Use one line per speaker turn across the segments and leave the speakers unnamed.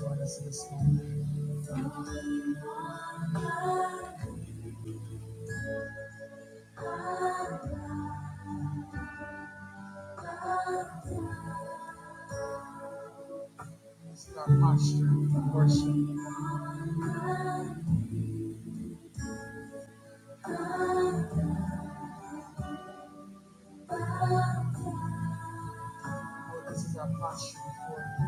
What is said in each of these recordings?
Lord, us this morning. This is our posture of worship. Lord, this is our posture before you.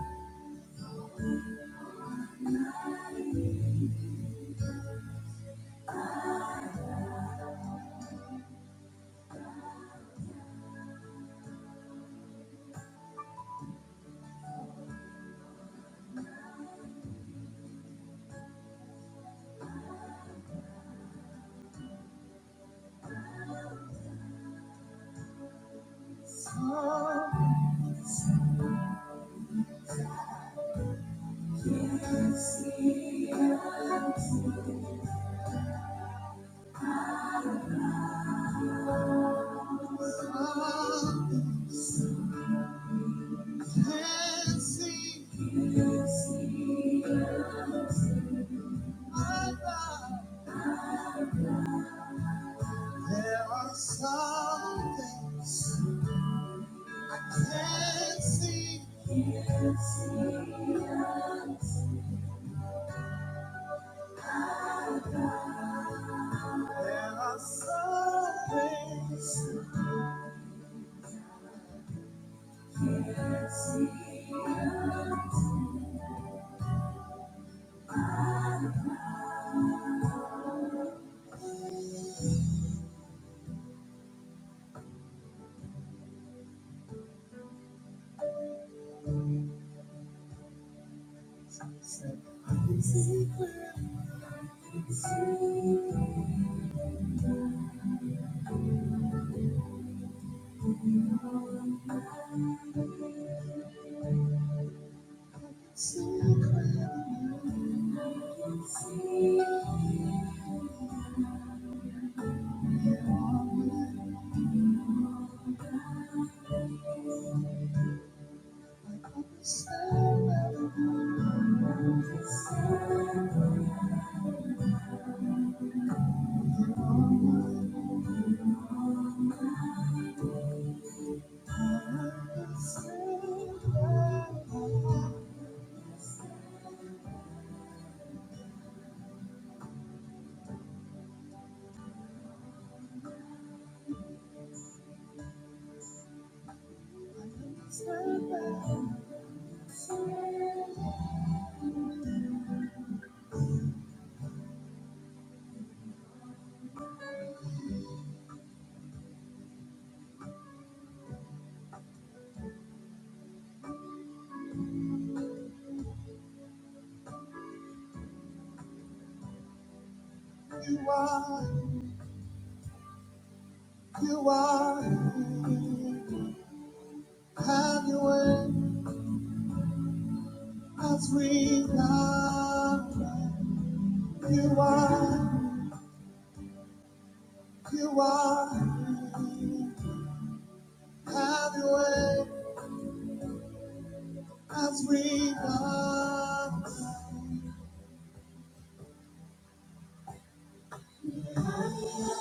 Love can see there are some things I can't see. There are some things that I and still you are, you are here. Have your way as we love. You are, you are, have your way as we I I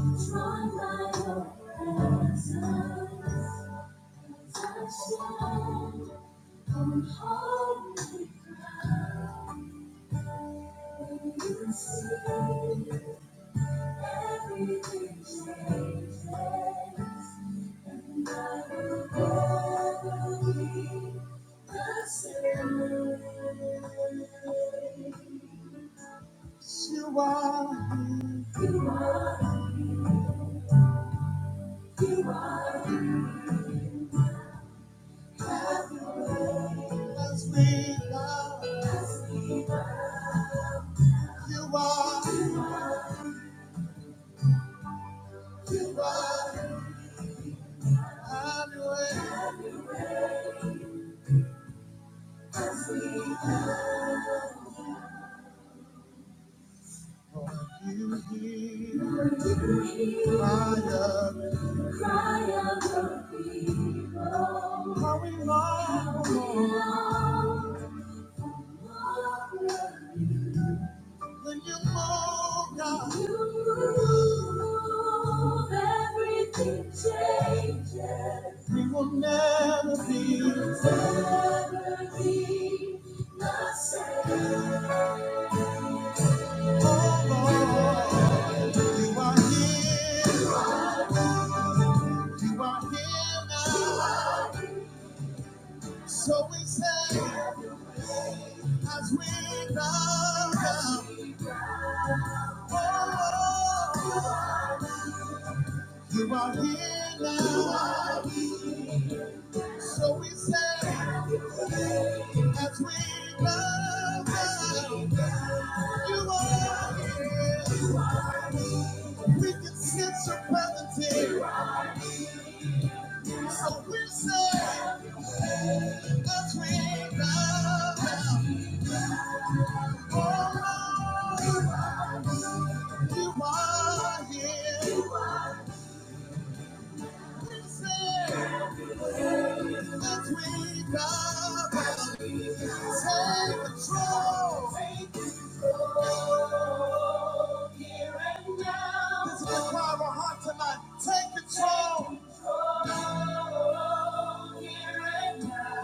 am drawn by your presence, and When you see everything changes, and I will never be the same. You are You You are. here. You are. here. Have your way. as we love. as we love. You are, here. you are, here. have your way. Lord, you hear the cry of Cry of the people. how we long How we long. Long. When you move, God. You move, everything changes. We will never be. We will Never be the same. Oh, Lord, you are here. You are here now. So we say, as we bow down, oh, Lord, you are here now. So we say, as we love you, you are here. We can sense your presence here. So we say, as we love you, oh, Lord, you are here. We say, as we love you, take control. Take control. This is the cry of our heart tonight. Take control.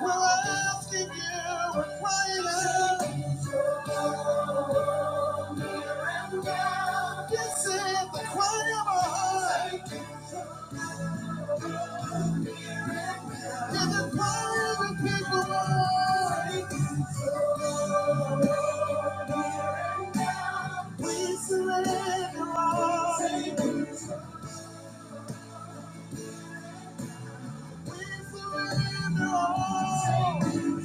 We're asking you. We're crying out. This is the cry of our heart. This is the cry of the people. Lord. We surrender all. We surrender all.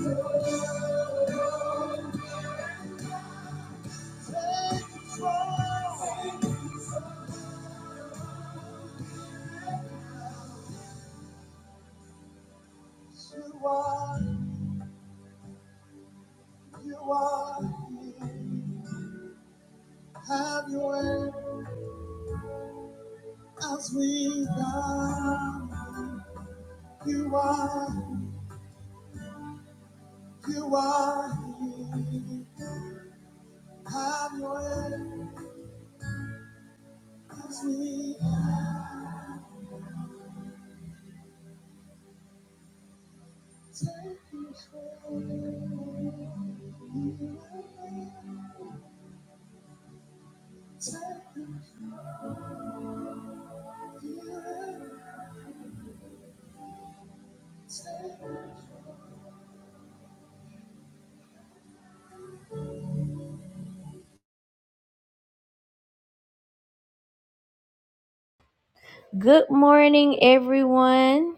Take control. You are. You are here. Have your way as we come. You are, you are here. Have your way as we take control. Take control. Good morning, everyone.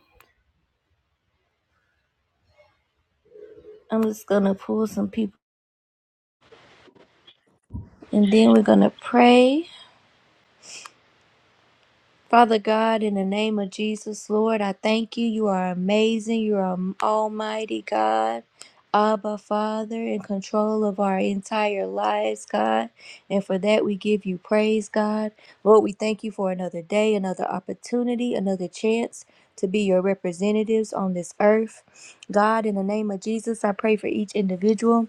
I'm just going to pull some people and then we're going to pray. Father God, in the name of Jesus, Lord, I thank you. You are amazing. You are an almighty God. Abba, Father, in control of our entire lives, God. And for that, we give you praise, God. Lord, we thank you for another day, another opportunity, another chance to be your representatives on this earth. God, in the name of Jesus, I pray for each individual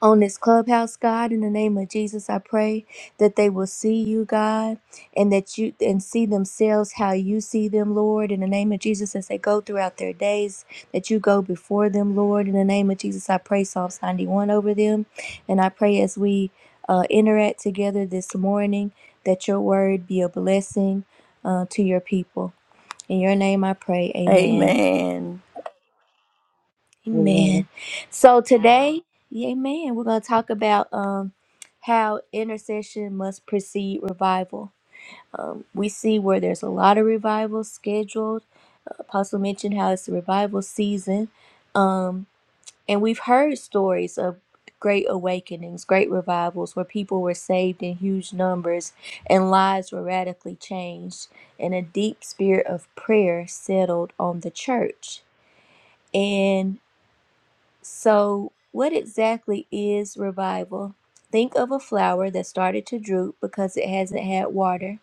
on this clubhouse, God. In the name of Jesus, I pray that they will see you, God, and that you and see themselves how you see them, Lord. In the name of Jesus, as they go throughout their days, that you go before them, Lord. In the name of Jesus, I pray Psalms 91 over them, and I pray as we uh, interact together this morning that your word be a blessing uh, to your people. In your name, I pray. Amen.
Amen.
Amen.
Amen.
So today, amen, we're going to talk about um, how intercession must precede revival. Um, we see where there's a lot of revival scheduled. Apostle mentioned how it's the revival season. Um, and we've heard stories of great awakenings, great revivals where people were saved in huge numbers and lives were radically changed, and a deep spirit of prayer settled on the church. and. So, what exactly is revival? Think of a flower that started to droop because it hasn't had water.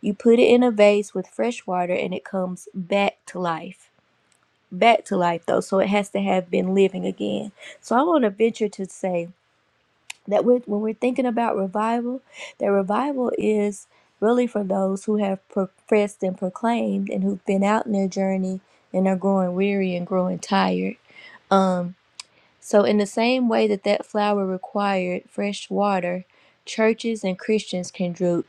You put it in a vase with fresh water and it comes back to life. Back to life, though, so it has to have been living again. So, I want to venture to say that we're, when we're thinking about revival, that revival is really for those who have professed and proclaimed and who've been out in their journey and are growing weary and growing tired Um, so, in the same way that that flower required fresh water, churches and Christians can droop.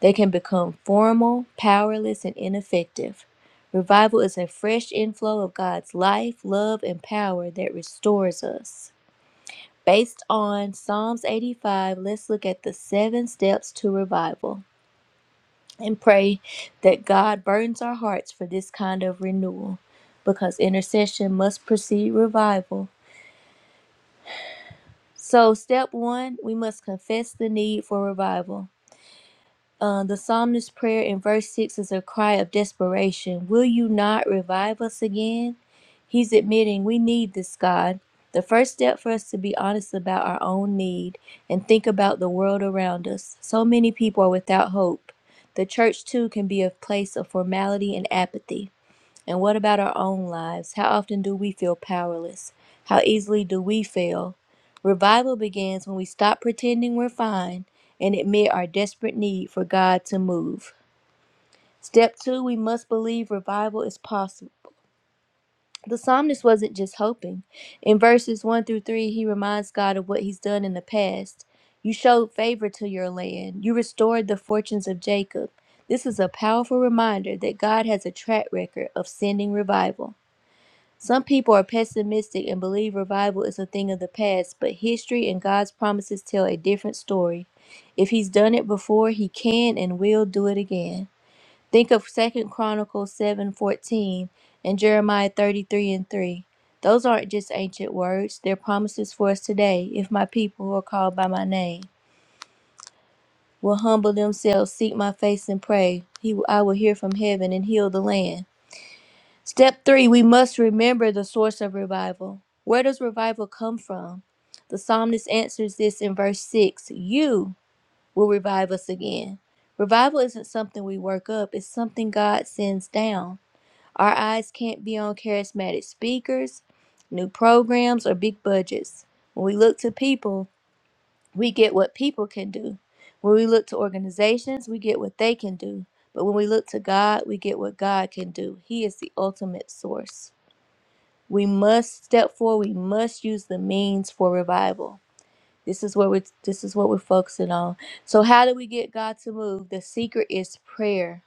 They can become formal, powerless, and ineffective. Revival is a fresh inflow of God's life, love, and power that restores us. Based on Psalms 85, let's look at the seven steps to revival and pray that God burdens our hearts for this kind of renewal because intercession must precede revival So, step one, we must confess the need for revival. Uh, the psalmist's prayer in verse 6 is a cry of desperation Will you not revive us again? He's admitting we need this God. The first step for us to be honest about our own need and think about the world around us. So many people are without hope. The church, too, can be a place of formality and apathy. And what about our own lives? How often do we feel powerless? How easily do we fail? Revival begins when we stop pretending we're fine and admit our desperate need for God to move. Step two, we must believe revival is possible. The psalmist wasn't just hoping. In verses 1 through 3, he reminds God of what he's done in the past. You showed favor to your land, you restored the fortunes of Jacob. This is a powerful reminder that God has a track record of sending revival. Some people are pessimistic and believe revival is a thing of the past, but history and God's promises tell a different story. If he's done it before, he can and will do it again. Think of Second Chronicles 7:14 and Jeremiah 33 and 3. Those aren't just ancient words, they're promises for us today if my people who are called by my name will humble themselves, seek my face and pray. He I will hear from heaven and heal the land. Step three, we must remember the source of revival. Where does revival come from? The psalmist answers this in verse 6 You will revive us again. Revival isn't something we work up, it's something God sends down. Our eyes can't be on charismatic speakers, new programs, or big budgets. When we look to people, we get what people can do. When we look to organizations, we get what they can do. But when we look to God, we get what God can do. He is the ultimate source. We must step forward. We must use the means for revival. This is what we're this is what we're focusing on. So how do we get God to move? The secret is prayer.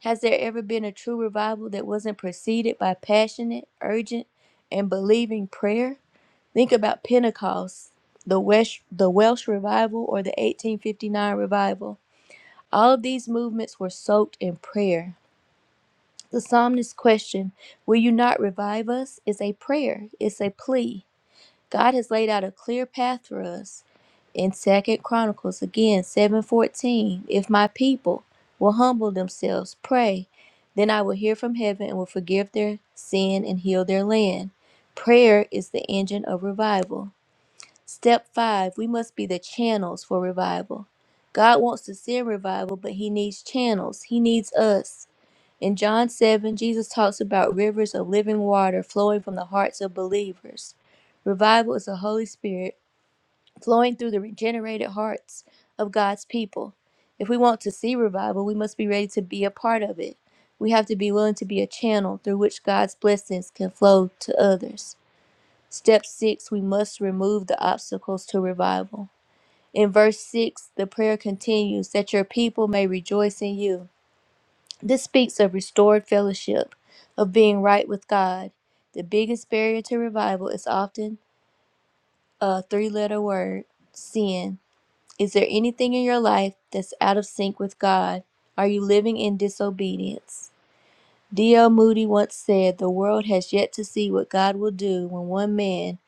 Has there ever been a true revival that wasn't preceded by passionate, urgent, and believing prayer? Think about Pentecost, the Welsh the Welsh revival or the 1859 revival. All of these movements were soaked in prayer. The psalmist's question, Will you not revive us? is a prayer. It's a plea. God has laid out a clear path for us in Second Chronicles again seven fourteen. If my people will humble themselves, pray, then I will hear from heaven and will forgive their sin and heal their land. Prayer is the engine of revival. Step five, we must be the channels for revival. God wants to send revival, but He needs channels. He needs us. In John 7, Jesus talks about rivers of living water flowing from the hearts of believers. Revival is the Holy Spirit flowing through the regenerated hearts of God's people. If we want to see revival, we must be ready to be a part of it. We have to be willing to be a channel through which God's blessings can flow to others. Step 6, we must remove the obstacles to revival. In verse 6, the prayer continues that your people may rejoice in you. This speaks of restored fellowship, of being right with God. The biggest barrier to revival is often a three letter word sin. Is there anything in your life that's out of sync with God? Are you living in disobedience? D.L. Moody once said, The world has yet to see what God will do when one man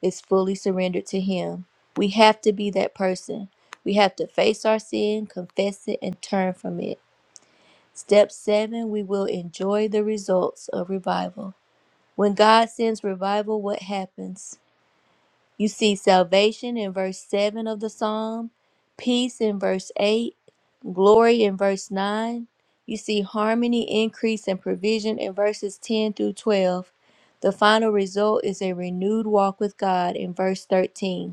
is fully surrendered to Him. We have to be that person. We have to face our sin, confess it, and turn from it. Step seven, we will enjoy the results of revival. When God sends revival, what happens? You see salvation in verse 7 of the psalm, peace in verse 8, glory in verse 9. You see harmony, increase, and provision in verses 10 through 12. The final result is a renewed walk with God in verse 13.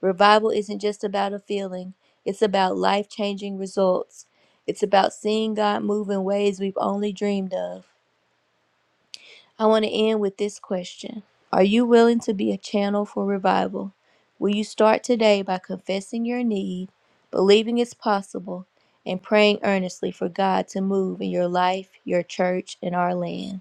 Revival isn't just about a feeling, it's about life changing results. It's about seeing God move in ways we've only dreamed of. I want to end with this question Are you willing to be a channel for revival? Will you start today by confessing your need, believing it's possible, and praying earnestly for God to move in your life, your church, and our land?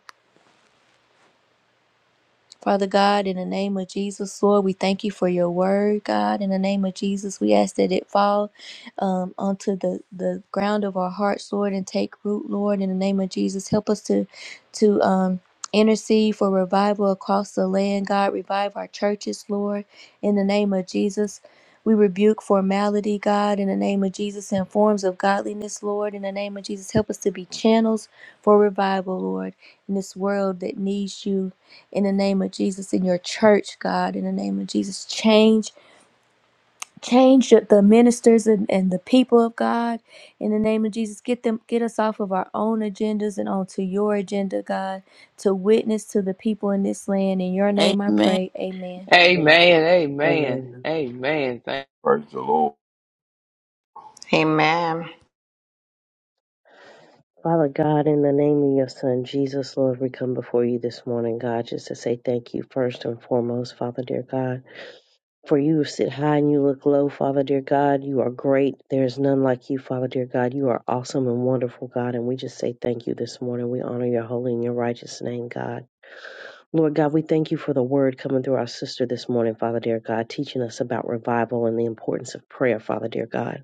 Father God, in the name of Jesus, Lord, we thank you for your word, God. In the name of Jesus, we ask that it fall um, onto the, the ground of our hearts, Lord, and take root, Lord. In the name of Jesus, help us to to um, intercede for revival across the land, God. Revive our churches, Lord. In the name of Jesus. We rebuke formality, God, in the name of Jesus, and forms of godliness, Lord, in the name of Jesus. Help us to be channels for revival, Lord, in this world that needs you in the name of Jesus in your church, God, in the name of Jesus. Change, change the ministers and, and the people of God in the name of Jesus. Get them get us off of our own agendas and onto your agenda, God, to witness to the people in this land. In your name I
Amen.
pray. Amen.
Amen.
Amen, amen,
Amen.
amen. Thank,
Praise the Lord.
Amen.
Father God, in the name of your Son, Jesus, Lord, we come before you this morning, God, just to say thank you first and foremost, Father dear God. For you sit high and you look low, Father dear God. You are great. There is none like you, Father dear God. You are awesome and wonderful, God, and we just say thank you this morning. We honor your holy and your righteous name, God. Lord God, we thank you for the word coming through our sister this morning, Father dear God, teaching us about revival and the importance of prayer, Father dear God.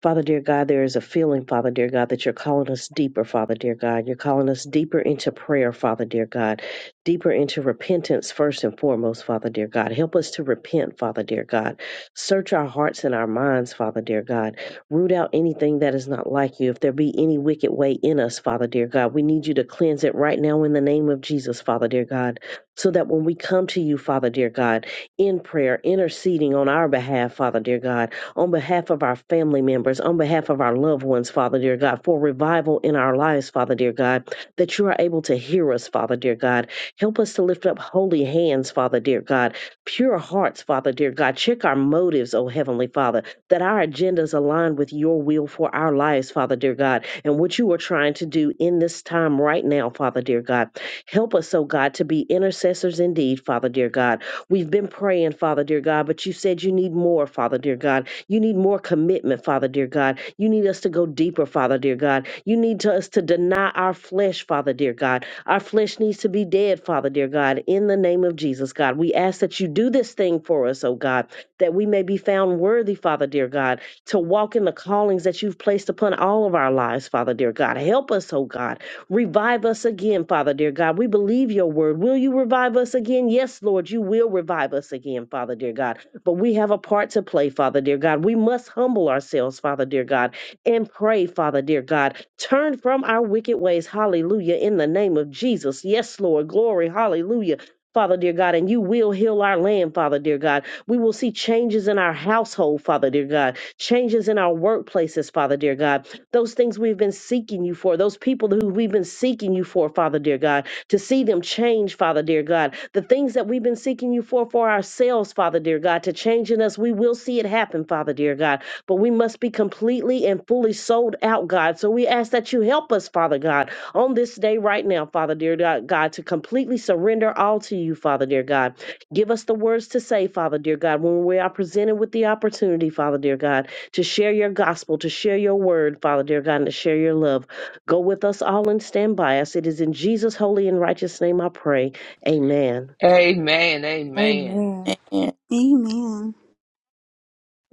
Father, dear God, there is a feeling, Father, dear God, that you're calling us deeper, Father, dear God. You're calling us deeper into prayer, Father, dear God, deeper into repentance first and foremost, Father, dear God. Help us to repent, Father, dear God. Search our hearts and our minds, Father, dear God. Root out anything that is not like you. If there be any wicked way in us, Father, dear God, we need you to cleanse it right now in the name of Jesus, Father, dear God, so that when we come to you, Father, dear God, in prayer, interceding on our behalf, Father, dear God, on behalf of our family members, on behalf of our loved ones, Father dear God, for revival in our lives, Father dear God, that you are able to hear us, Father dear God. Help us to lift up holy hands, Father dear God, pure hearts, Father dear God. Check our motives, O Heavenly Father, that our agendas align with your will for our lives, Father dear God, and what you are trying to do in this time right now, Father dear God. Help us, O God, to be intercessors indeed, Father dear God. We've been praying, Father dear God, but you said you need more, Father dear God. You need more commitment, Father dear God. You need us to go deeper, Father dear God. You need to, us to deny our flesh, Father dear God. Our flesh needs to be dead, Father dear God. In the name of Jesus, God, we ask that you do this thing for us, oh God, that we may be found worthy, Father dear God, to walk in the callings that you've placed upon all of our lives, Father dear God. Help us, oh God. Revive us again, Father dear God. We believe your word. Will you revive us again? Yes, Lord, you will revive us again, Father dear God. But we have a part to play, Father dear God. We must humble ourselves, Father dear God, and pray, Father dear God. Turn from our wicked ways, hallelujah, in the name of Jesus. Yes, Lord, glory, hallelujah. Father dear God, and you will heal our land, Father dear God. We will see changes in our household, Father dear God, changes in our workplaces, Father dear God. Those things we've been seeking you for, those people who we've been seeking you for, Father dear God to see them change, Father dear God. The things that we've been seeking you for for ourselves, Father dear God, to change in us, we will see it happen, Father dear God. But we must be completely and fully sold out, God. So we ask that you help us, Father God, on this day right now, Father dear God, to completely surrender all to you, Father dear God. Give us the words to say, Father dear God, when we are presented with the opportunity, Father dear God, to share your gospel, to share your word, Father dear God, and to share your love. Go with us all and stand by us. It is in Jesus' holy and righteous name I pray. Amen.
amen, amen.
Amen.
Amen.
Amen.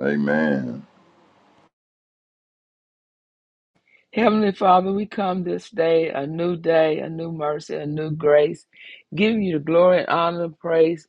Amen.
Heavenly Father, we come this day, a new day, a new mercy, a new grace. giving you the glory and honor and praise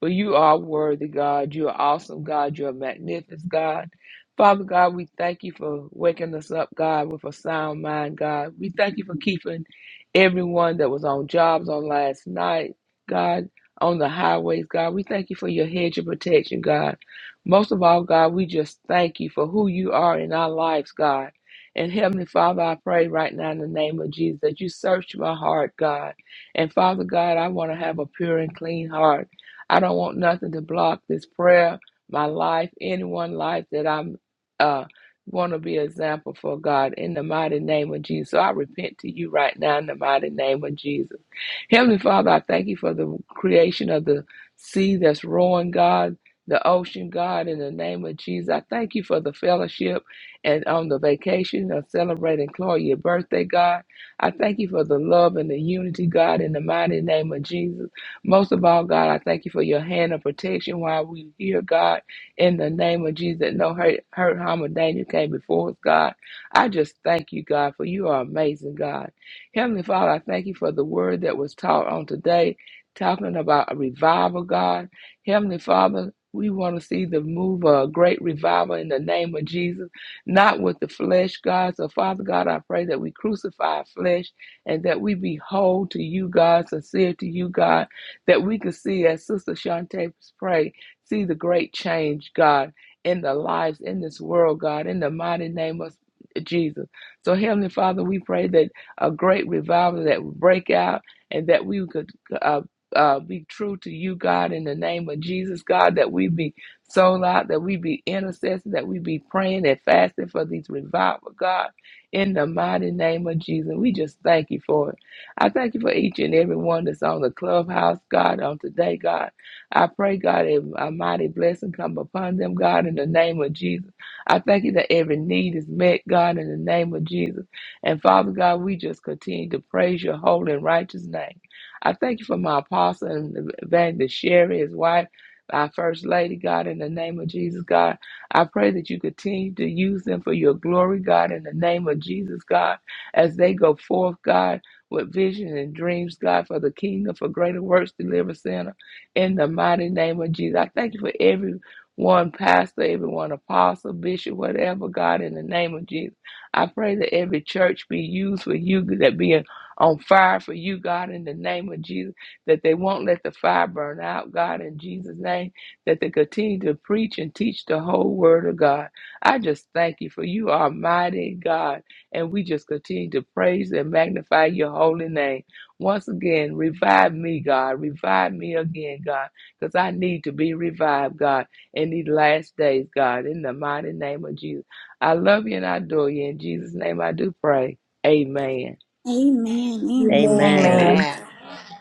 For you are worthy, God. You are awesome, God. You are magnificent, God. Father God, we thank you for waking us up, God, with a sound mind, God. We thank you for keeping everyone that was on jobs on last night, God, on the highways, God. We thank you for your hedge of protection, God. Most of all, God, we just thank you for who you are in our lives, God. And Heavenly Father, I pray right now in the name of Jesus that you search my heart, God. And Father God, I want to have a pure and clean heart. I don't want nothing to block this prayer, my life, anyone life that I'm uh want to be an example for God in the mighty name of Jesus. So I repent to you right now in the mighty name of Jesus. Heavenly Father, I thank you for the creation of the sea that's roaring, God. The ocean, God, in the name of Jesus, I thank you for the fellowship and on the vacation of celebrating Chloe, your birthday, God. I thank you for the love and the unity, God, in the mighty name of Jesus. Most of all, God, I thank you for your hand of protection while we hear God. In the name of Jesus, no hurt, hurt, harm, or danger came before us, God. I just thank you, God, for you are amazing, God. Heavenly Father, I thank you for the word that was taught on today, talking about a revival, God. Heavenly Father, we want to see the move of a great revival in the name of Jesus, not with the flesh, God. So, Father God, I pray that we crucify flesh and that we be whole to you, God, sincere to you, God that we could see, as Sister Shantae prayed, see the great change, God, in the lives in this world, God, in the mighty name of Jesus. So, Heavenly Father, we pray that a great revival that would break out and that we could uh, uh, be true to you, God, in the name of Jesus, God, that we be sold out, that we be intercessors, that we be praying and fasting for these revival, God, in the mighty name of Jesus. We just thank you for it. I thank you for each and every one that's on the clubhouse, God, on today, God. I pray, God, a, a mighty blessing come upon them, God, in the name of Jesus. I thank you that every need is met, God, in the name of Jesus. And Father God, we just continue to praise your holy and righteous name. I thank you for my apostle and evangelist Sherry, his wife, our first lady, God, in the name of Jesus, God. I pray that you continue to use them for your glory, God, in the name of Jesus, God, as they go forth, God with visions and dreams, God, for the kingdom, for greater works, deliver center. In the mighty name of Jesus, I thank you for every one pastor, every one apostle, bishop, whatever, God, in the name of Jesus. I pray that every church be used for you, that be on fire for you, God, in the name of Jesus, that they won't let the fire burn out, God, in Jesus' name, that they continue to preach and teach the whole word of God. I just thank you for you are mighty God and we just continue to praise and magnify your holy name. Once again, revive me, God. Revive me again, God, because I need to be revived, God, in these last days, God, in the mighty name of Jesus. I love you and I adore you. In Jesus' name, I do pray. Amen.
Amen. Amen.
Amen.
Amen.
Amen.
Amen.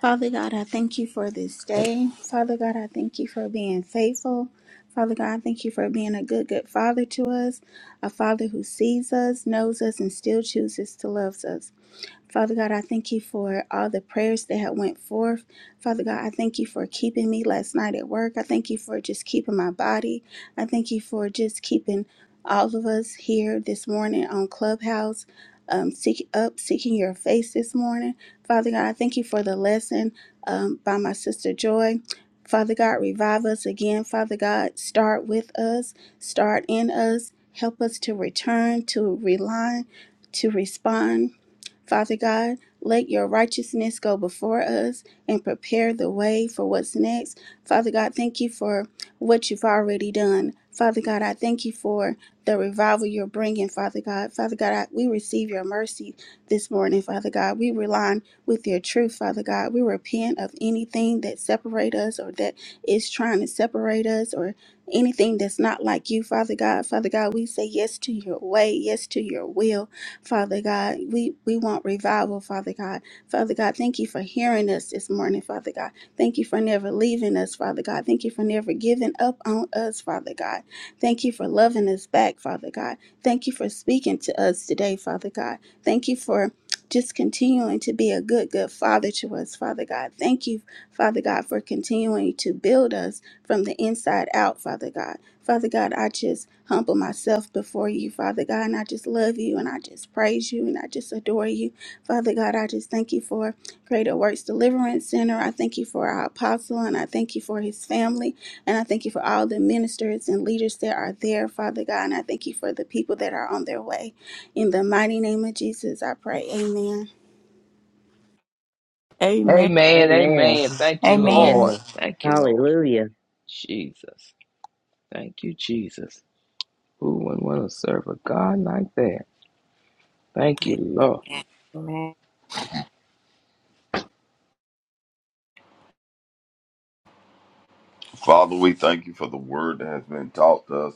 Father God, I thank you for this
Thank you.
day. Father God, I thank you for being faithful. Father God, I thank you for being a good, good father to us, a father who sees us, knows us, and still chooses to love us. Father God, I thank you for all the prayers that have went forth. Father God, I thank you for keeping me last night at work. I thank you for just keeping my body. I thank you for just keeping all of us here this morning on Clubhouse. Um, seek up, seeking your face this morning. Father God, I thank you for the lesson um, by my sister Joy. Father God, revive us again. Father God, start with us, start in us. Help us to return, to rely, to respond Father God, let your righteousness go before us and prepare the way for what's next. Father God, thank you for what you've already done. Father God, I thank you for the revival you're bringing, Father God. Father God, I, we receive your mercy this morning, Father God. We rely on with your truth, Father God. We repent of anything that separates us or that is trying to separate us or anything that's not like you, Father God. Father God, we say yes to your way, yes to your will. Father God. We, we want revival, Father God. Father God, thank you for hearing us this morning, Father God. Thank you for never leaving us, Father God. Thank you for never giving up on us, Father God. Thank you for loving us back, Father God. Thank you for speaking to us today, Father God. Thank you for just continuing to be a good, good father to us, Father God. Thank you, Father God, for continuing to build us from the inside out, Father God. Father God, I just humble myself before you, Father God, and I just love you and I just praise you and I just adore you. Father God, I just thank you for Greater Works Deliverance Center. I thank you for our apostle and I thank you for his family and I thank you for all the ministers and leaders that are there, Father God, and I thank you for the people that are on their way. In the mighty name of Jesus, I pray. Amen.
Amen.
Amen.
Amen.
Amen. Thank you,
Amen.
Lord.
Amen.
Thank you, Lord.
Hallelujah.
Jesus. Thank you, Jesus. Who would want to serve a God like that? Thank you, Lord.
Amen. Amen.
Father, we thank you for the word that has been taught to us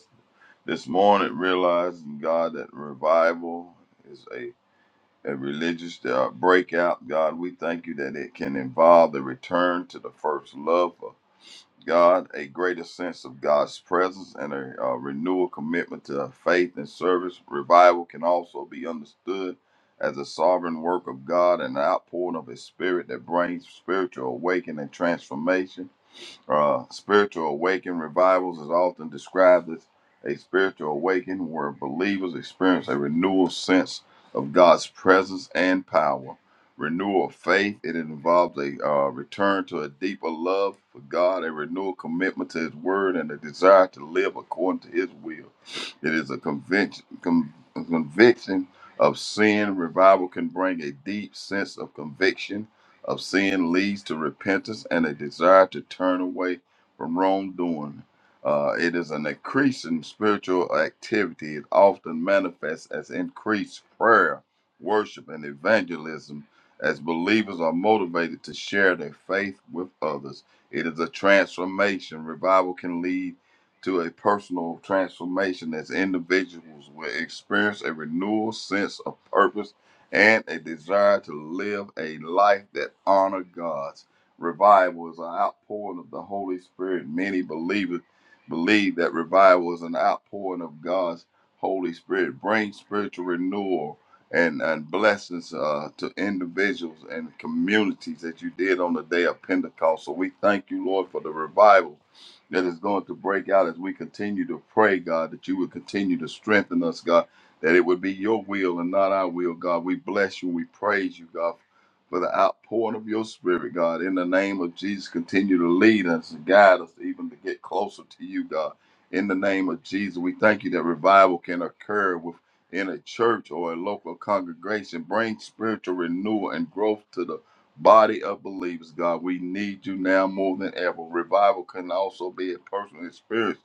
this morning, realizing, God, that revival is a, a religious uh, breakout. God, we thank you that it can involve the return to the first love God a greater sense of God's presence and a uh, renewal commitment to faith and service. Revival can also be understood as a sovereign work of God and an outpouring of His Spirit that brings spiritual awakening and transformation. Uh, spiritual awakening revivals is often described as a spiritual awakening where believers experience a renewal sense of God's presence and power. Renewal of faith, it involves a uh, return to a deeper love for God, a renewal commitment to His Word, and a desire to live according to His will. It is a conviction, con- a conviction of sin. Revival can bring a deep sense of conviction of sin leads to repentance and a desire to turn away from wrongdoing. Uh, it is an increasing spiritual activity. It often manifests as increased prayer, worship, and evangelism as believers are motivated to share their faith with others. It is a transformation. Revival can lead to a personal transformation as individuals will experience a renewal sense of purpose and a desire to live a life that honor God's revival is an outpouring of the Holy Spirit. Many believers believe that revival is an outpouring of God's Holy Spirit, brings spiritual renewal and, and blessings uh, to individuals and communities that you did on the day of Pentecost. So we thank you, Lord, for the revival that is going to break out as we continue to pray, God, that you would continue to strengthen us, God that it would be your will and not our will, God. We bless you and we praise you, God, for the outpouring of your spirit, God. In the name of Jesus, continue to lead us and guide us even to get closer to you, God. In the name of Jesus, we thank you that revival can occur within a church or a local congregation. Bring spiritual renewal and growth to the body of believers, God. We need you now more than ever. Revival can also be a personal experience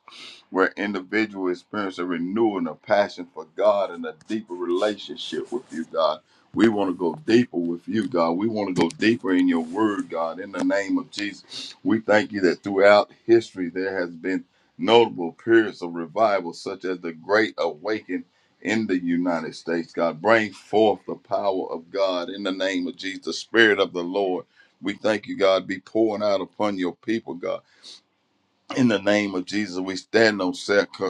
where individuals experience a renewing a passion for God and a deeper relationship with you, God. We want to go deeper with you, God. We want to go deeper in your word, God. In the name of Jesus, we thank you that throughout history there has been notable periods of revival, such as the Great Awakening in the United States, God. Bring forth the power of God in the name of Jesus, the Spirit of the Lord. We thank you, God, be pouring out upon your people, God. In the name of Jesus, we stand on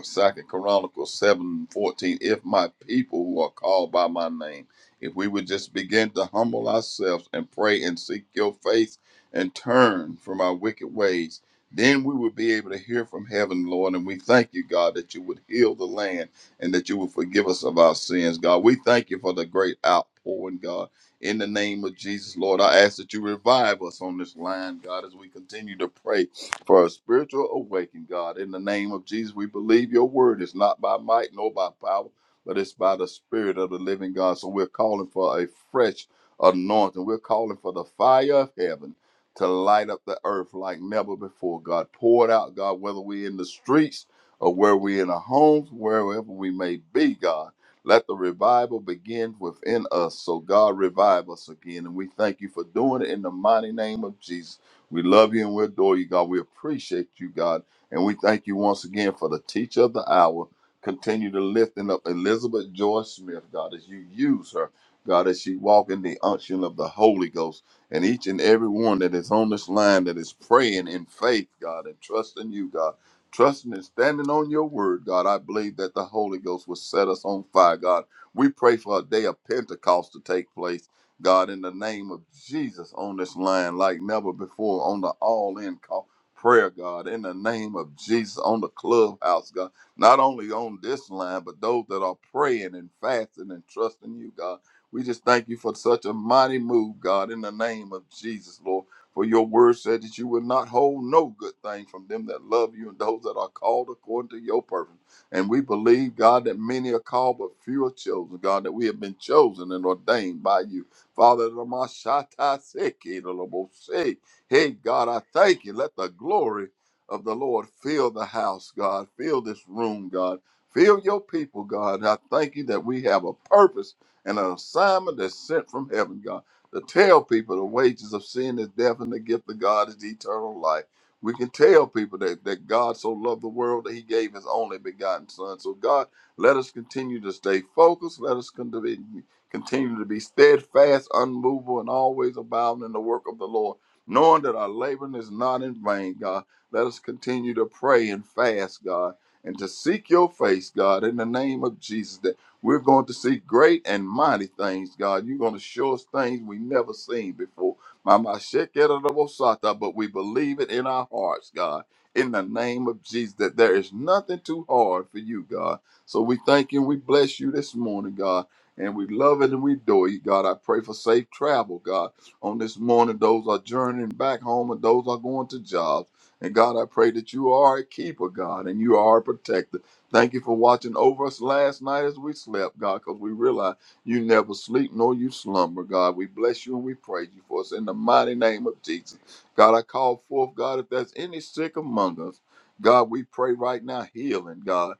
Second Chronicles 7 14. If my people who are called by my name, if we would just begin to humble ourselves and pray and seek your face and turn from our wicked ways, then we would be able to hear from heaven, Lord. And we thank you, God, that you would heal the land and that you would forgive us of our sins, God. We thank you for the great outpouring, God. In the name of Jesus, Lord, I ask that you revive us on this line, God, as we continue to pray for a spiritual awakening, God. In the name of Jesus, we believe your word is not by might nor by power, but it's by the spirit of the living God. So we're calling for a fresh anointing. We're calling for the fire of heaven to light up the earth like never before, God. Pour it out, God, whether we're in the streets or where we're in our homes, wherever we may be, God. Let the revival begin within us. So, God, revive us again. And we thank you for doing it in the mighty name of Jesus. We love you and we adore you, God. We appreciate you, God. And we thank you once again for the teacher of the hour. Continue to lifting up Elizabeth Joy Smith, God, as you use her, God, as she walk in the unction of the Holy Ghost. And each and every one that is on this line that is praying in faith, God, and trusting you, God. Trusting and standing on your word, God. I believe that the Holy Ghost will set us on fire, God. We pray for a day of Pentecost to take place God, in the name of Jesus, on this line like never before, on the all in call prayer, God, in the name of Jesus, on the clubhouse, God, not only on this line, but those that are praying and fasting and trusting you, God. We just thank you for such a mighty move, God, in the name of Jesus, Lord. For your word said that you would not hold no good thing from them that love you and those that are called according to your purpose. And we believe, God, that many are called, but few are chosen, God, that we have been chosen and ordained by you. Father, Ramashata Seki Lolobose. hey God, I thank you. Let the glory of the Lord fill the house, God. Fill this room, God. Fill your people, God. I thank you that we have a purpose and an assignment that's sent from heaven, God, to tell people the wages of sin is death and the gift of God is eternal life. We can tell people that, that God so loved the world that he gave his only begotten son. So, God, let us continue to stay focused. Let us continue. Continue to be steadfast, unmovable, and always abound in the work of the Lord, knowing that our laboring is not in vain, God. Let us continue to pray and fast, God, and to seek your face, God, in the name of Jesus, that we're going to see great and mighty things, God. You're going to show us things we never seen before. Mama Shekerabosata, But we believe it in our hearts, God, in the name of Jesus, that there is nothing too hard for you, God. So we thank you and we bless you this morning, God and we love it and we adore you, God. I pray for safe travel, God. On this morning, those are journeying back home and those are going to jobs. And God, I pray that you are a keeper, God, and you are a protector. Thank you for watching over us last night as we slept, God, because we realize you never sleep nor you slumber, God. We bless you and we praise you for us in the mighty name of Jesus. God, I call forth, God, if there's any sick among us, God, we pray right now healing, God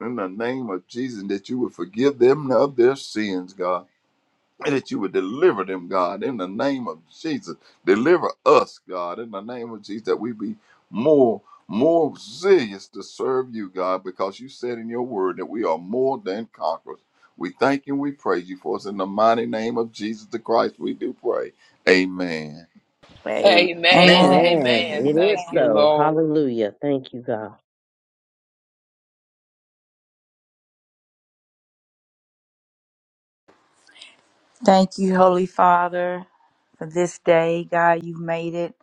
in the name of Jesus, that you would forgive them of their sins, God, and that you would deliver them, God, in the name of Jesus. Deliver us, God, in the name of Jesus, that we be more, more zealous to serve you, God, because you said in your word that we are more than conquerors. We thank you, we praise you for us in the mighty name of Jesus the Christ. We do pray. Amen.
Amen.
Amen.
Amen.
Amen.
Amen.
Amen. It
Amen.
Thank
is
you,
so.
Lord.
Hallelujah. Thank you, God.
Thank you, Holy Father, for this day. God, you've made it.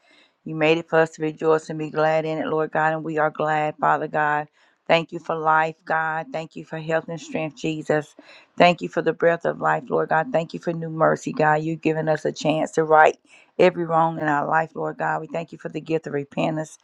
You made it for us to rejoice and be glad in it, Lord God, and we are glad, Father God. Thank you for life, God. Thank you for health and strength, Jesus. Thank you for the breath of life, Lord God. Thank you for new mercy, God. You've given us a chance to right every wrong in our life, Lord God. We thank you for the gift of repentance.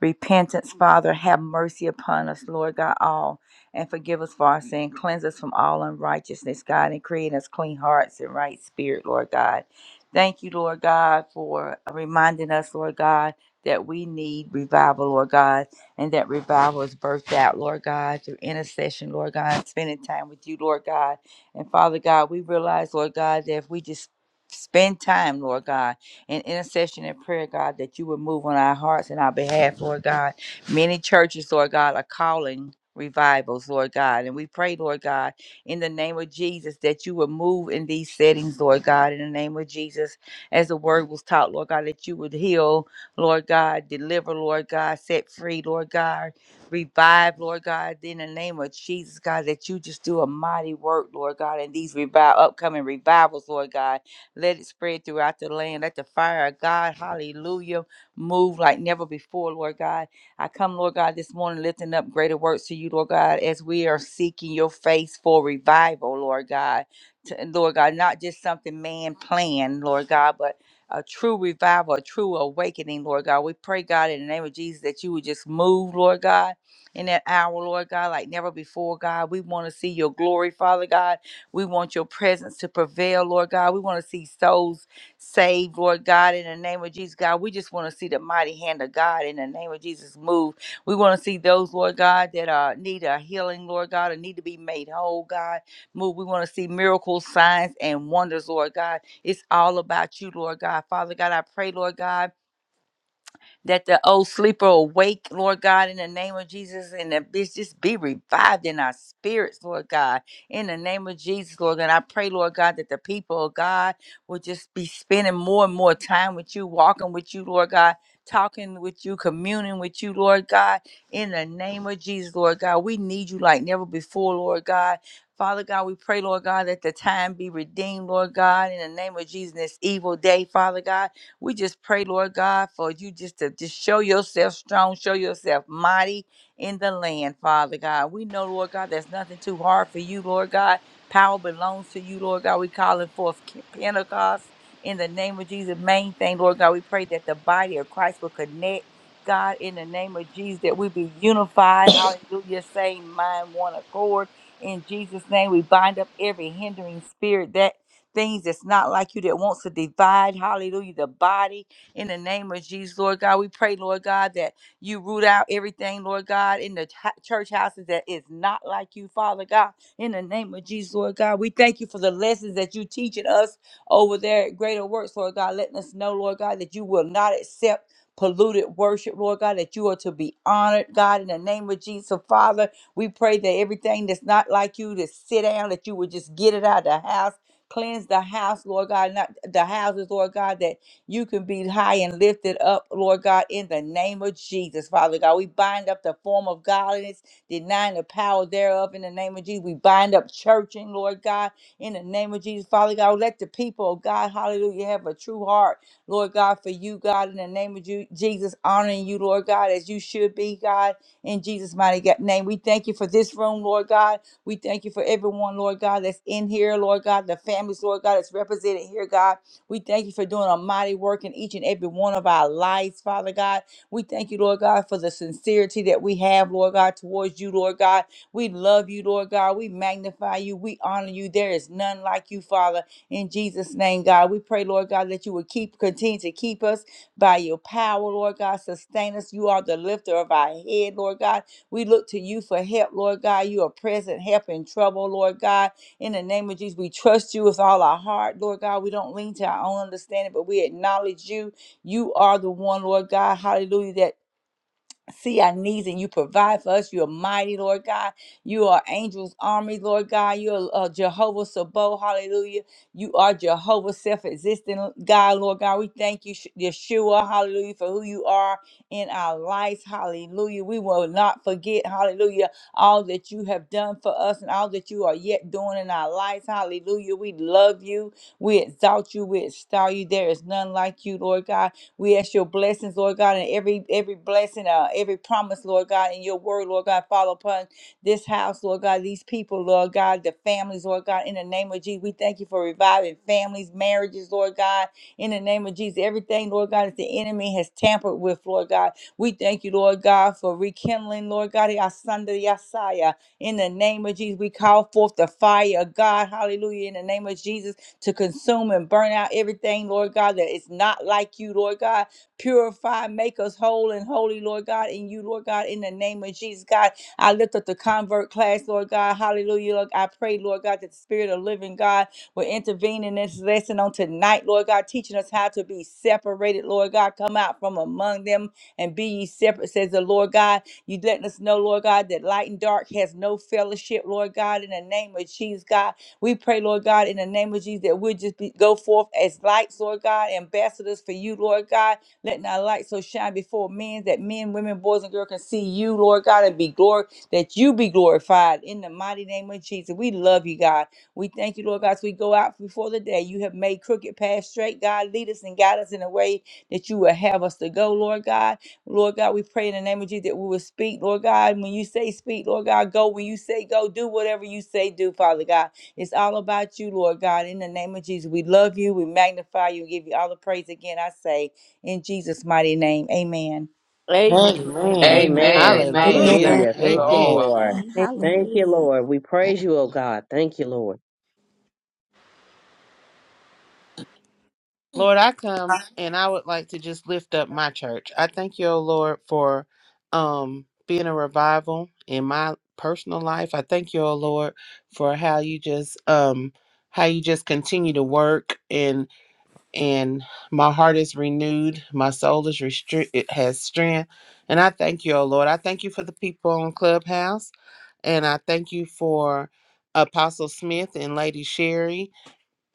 Repentance, Father, have mercy upon us, Lord God, all. and forgive us for our sin. Cleanse us from all unrighteousness, God, and create us clean hearts and right spirit, Lord God. Thank you, Lord God, for reminding us, Lord God, that we need revival, Lord God, and that revival is birthed out, Lord God, through intercession, Lord God, spending time with you, Lord God. And Father God, we realize, Lord God, that if we just spend time, Lord God, in intercession and prayer, God, that you would move on our hearts and our behalf, Lord God Many churches, Lord God, are calling revivals, Lord God. And we pray, Lord God, in the name of Jesus, that you would move in these settings, Lord God, in the name of Jesus, as the word was taught, Lord God, that you would heal, Lord God, deliver, Lord God, set free, Lord God, revive, Lord God, in the name of Jesus, God, that you just do a mighty work, Lord God, in these revive upcoming revivals, Lord God. Let it spread throughout the land. Let the fire of God, hallelujah, move like never before, Lord God I come, Lord God, this morning lifting up greater works to you, Lord God, as we are seeking your face for revival, Lord God. To, and Lord God, not just something man planned, Lord God, but a true revival, a true awakening, Lord God. We pray, God, in the name of Jesus, that you would just move, Lord God, in that hour, Lord God, like never before, God. We want to see your glory, Father God. We want your presence to prevail, Lord God. We want to see souls saved, Lord God, in the name of Jesus, God. We just want to see the mighty hand of God in the name of Jesus move. We want to see those, Lord God, that uh, need a healing, Lord God, or need to be made whole, God, move. We want to see miracles, signs, and wonders, Lord God. It's all about you, Lord God. Father God, I pray, Lord God that the old sleeper awake, Lord God, in the name of Jesus, and that bitch just be revived in our spirits, Lord God, in the name of Jesus, Lord God. I pray, Lord God, that the people of God will just be spending more and more time with you, walking with you, Lord God, talking with you, communing with you, Lord God, in the name of Jesus, Lord God. We need you like never before, Lord God. Father God, we pray, Lord God, that the time be redeemed, Lord God, in the name of Jesus, this evil day, Father God. We just pray, Lord God, for you just to just show yourself strong, show yourself mighty in the land, Father God. We know, Lord God, there's nothing too hard for you, Lord God. Power belongs to you, Lord God. We calling forth Pentecost in the name of Jesus. Main thing, Lord God, we pray that the body of Christ will connect. God, in the name of Jesus, that we be unified, hallelujah, same mind, one accord. In Jesus' name, we bind up every hindering spirit that things that's not like you that wants to divide, hallelujah, the body in the name of Jesus, Lord God. We pray, Lord God, that you root out everything, Lord God, in the ch- church houses that is not like you, Father God, in the name of Jesus, Lord God. We thank you for the lessons that you teaching us over there at Greater Works, Lord God, letting us know, Lord God, that you will not accept polluted worship, Lord God, that you are to be honored, God, in the name of Jesus, So, Father. We pray that everything that's not like you to sit down, that you would just get it out of the house Cleanse the house, Lord God, not the houses, Lord God, that you can be high and lifted up, Lord God, in the name of Jesus, Father God. We bind up the form of godliness, denying the power thereof in the name of Jesus. We bind up churching, Lord God, in the name of Jesus, Father God. Let the people of God, hallelujah, have a true heart, Lord God, for you, God, in the name of Ju- Jesus, honoring you, Lord God, as you should be, God, in Jesus' mighty ga- name. We thank you for this room, Lord God. We thank you for everyone, Lord God, that's in here, Lord God, the families, Lord God, that's represented here, God. We thank you for doing a mighty work in each and every one of our lives, Father God. We thank you, Lord God, for the sincerity that we have, Lord God, towards you, Lord God. We love you, Lord God. We magnify you. We honor you. There is none like you, Father. In Jesus' name, God, we pray, Lord God, that you would keep, continue to keep us by your power, Lord God. Sustain us. You are the lifter of our head, Lord God. We look to you for help, Lord God. You are present help in trouble, Lord God. In the name of Jesus, we trust you with all our heart, Lord God. We don't lean to our own understanding, but we acknowledge you. You are the one, Lord God. Hallelujah. That see our needs and you provide for us. You're mighty, Lord God. You are angels' army, Lord God. You're uh, Jehovah Sabo, hallelujah. You are Jehovah self existent, God, Lord God. We thank you, Sh- Yeshua, hallelujah, for who you are in our lives, hallelujah. We will not forget, hallelujah, all that you have done for us and all that you are yet doing in our lives, hallelujah. We love you. We exalt you. We extol you. There is none like you, Lord God. We ask your blessings, Lord God, and every every blessing, uh, every promise, Lord God, in your word, Lord God, follow upon this house, Lord God, these people, Lord God, the families, Lord God, in the name of Jesus. We thank you for reviving families, marriages, Lord God, in the name of Jesus. Everything, Lord God, that the enemy has tampered with, Lord God. We thank you, Lord God, for rekindling, Lord God, our son, the Yasaya. In the name of Jesus, we call forth the fire of God. Hallelujah. In the name of Jesus to consume and burn out everything, Lord God, that is not like you, Lord God. Purify, make us whole and holy, Lord God, in you, Lord God, in the name of Jesus, God. I lift up the convert class, Lord God. Hallelujah. Lord. I pray, Lord God, that the Spirit of Living God will intervene in this lesson on tonight, Lord God, teaching us how to be separated, Lord God. Come out from among them and be ye separate, says the Lord God. You letting us know, Lord God, that light and dark has no fellowship, Lord God, in the name of Jesus, God. We pray, Lord God, in the name of Jesus, that we'll just be, go forth as lights, Lord God, ambassadors for you, Lord God, letting our light so shine before men that men, women, boys, and girls can see you, Lord God, and be glory, that you be glorified in the mighty name of Jesus. We love you, God. We thank you, Lord God, as we go out before the day. You have made crooked paths straight, God. Lead us and guide us in a way that you will have us to go, Lord God. Lord God, we pray in the name of Jesus that we will speak, Lord God. When you say speak, Lord God, go. When you say go, do whatever you say, do, Father God. It's all about you, Lord God. In the name of Jesus, we love you. We magnify you. Give you all the praise again. I say in Jesus' mighty name. Amen.
Amen.
Amen.
Amen.
Amen. Amen.
Hallelujah.
Thank
Amen.
Hallelujah.
you,
Thank you,
Amen.
Lord.
Lord.
Amen.
Amen.
Thank you,
Hallelujah.
Lord. We praise you, oh God. Thank you, Lord.
Lord, I come and I would like to just lift up my church. I thank you, oh Lord, for um being a revival in my personal life. I thank you, oh Lord, for how you just um how you just continue to work and and my heart is renewed, my soul is restri- it has strength. And I thank you, oh Lord. I thank you for the people on Clubhouse. And I thank you for Apostle Smith and Lady Sherry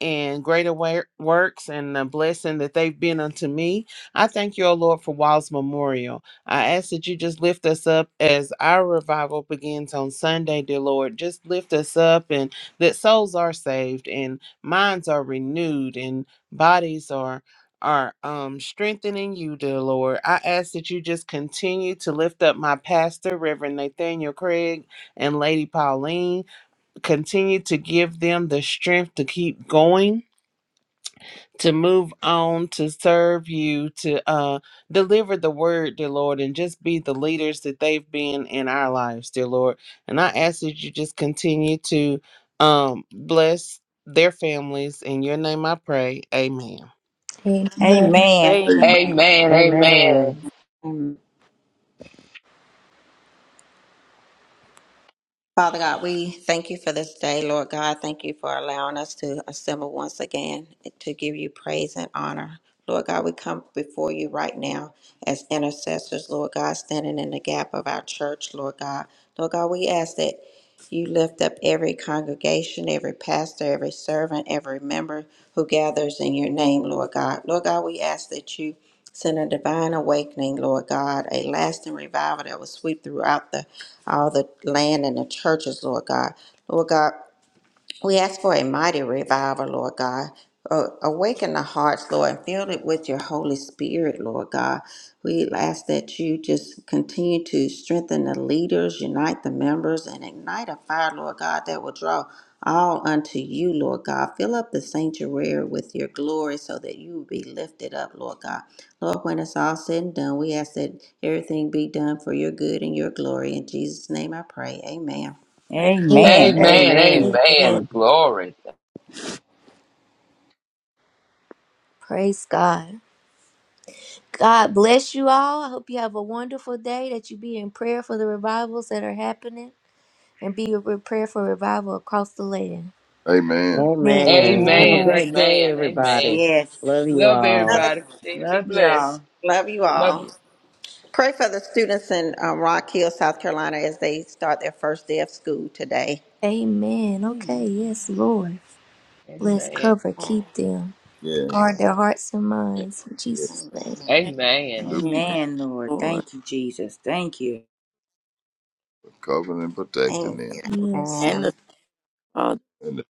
and greater wor- works and the blessing that they've been unto me. I thank you, O Lord, for Wild's Memorial. I ask that you just lift us up as our revival begins on Sunday, dear Lord. Just lift us up and that souls are saved and minds are renewed and bodies are are um strengthening you dear lord i ask that you just continue to lift up my pastor reverend nathaniel craig and lady pauline continue to give them the strength to keep going to move on to serve you to uh deliver the word dear lord and just be the leaders that they've been in our lives dear lord and i ask that you just continue to um bless their families in your name i pray amen
Amen.
Amen.
Amen.
Amen.
Amen.
Amen. Amen.
Amen.
Amen. Father God, we thank you for this day, Lord God. Thank you for allowing us to assemble once again to give you praise and honor. Lord God, we come before you right now as intercessors, Lord God, standing in the gap of our church, Lord God. Lord God, we ask that you lift up every congregation, every pastor, every servant, every member who gathers in your name, Lord God. Lord God, we ask that you send a divine awakening, Lord God, a lasting revival that will sweep throughout the all the land and the churches, Lord God. Lord God, we ask for a mighty revival, Lord God. Uh, awaken the hearts, Lord, and fill it with your Holy Spirit, Lord God. We ask that you just continue to strengthen the leaders, unite the members, and ignite a fire, Lord God, that will draw all unto you, Lord God. Fill up the sanctuary with your glory so that you will be lifted up, Lord God. Lord, when it's all said and done, we ask that everything be done for your good and your glory. In Jesus' name I pray. Amen.
Thank
Amen.
Amen.
Amen.
you,
Amen.
Amen.
Amen.
Lord.
Amen. Glory.
Praise God. God bless you all. I hope you have a wonderful day, that you be in prayer for the revivals that are happening and be in prayer for revival across the land.
Amen.
Amen.
Amen.
Amen. Have a
Amen.
Amen.
great day,
Amen.
Yes.
everybody.
Amen.
yes.
Love you
Love
all.
Another
everybody. Continue to be
Love
blessed.
y'all.
love you
Love
all.
you.
Pray for the students in um, Rock Hill, South Carolina, as they start their first day of school today.
Amen. Okay. Yes, Lord. Let's
Amen.
cover,
Thank
keep them,
Yeah.
guard their hearts and
you.
minds. In
yeah.
Jesus' name.
Amen.
Thank
Amen.
Do
you,
Amen, Lord.
Lord.
Thank you, Jesus. Thank you.
cover and protect
Thank you.
them.
Yes.
And
Amen.
the Father.
And,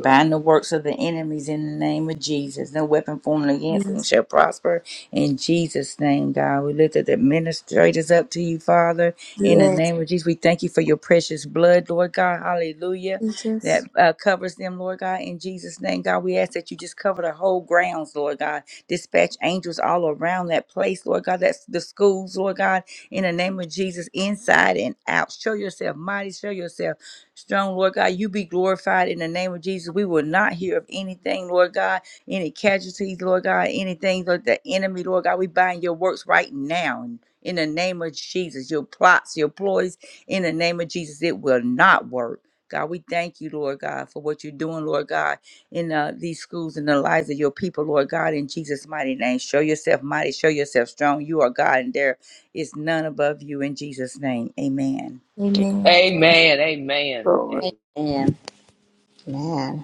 uh,
the works of the enemies in the name of Jesus. No weapon formed against
Yes.
them shall prosper. In Jesus' name, God, we lift up the administrators up to you, Father. In the
Yes.
name of Jesus, we thank you for your precious blood, Lord God. Hallelujah. That
Teachers.
uh, covers them, Lord God. In Jesus' name, God, we ask that you just cover the whole grounds, Lord God. Dispatch angels all around that place, Lord God. That's the schools, Lord God. In the name of Jesus, inside and out. Show yourself mighty. Show yourself strong, Lord God. You be glorified in the name of Jesus. We will not hear of anything, Lord God, any casualties, Lord God, anything, Lord, the enemy, Lord God. We bind your works right now. In the name of Jesus, your plots, your ploys, in the name of Jesus, it will not work. God, we thank you, Lord God, for what you're doing, Lord God, in uh, these schools and the lives of your people, Lord God, in Jesus' mighty name. Show yourself mighty, show yourself strong. You are God, and there is none above you in Jesus' name. Amen.
Thank
Amen.
Amen.
you,
Amen.
Lord.
Amen.
Amen. Amen.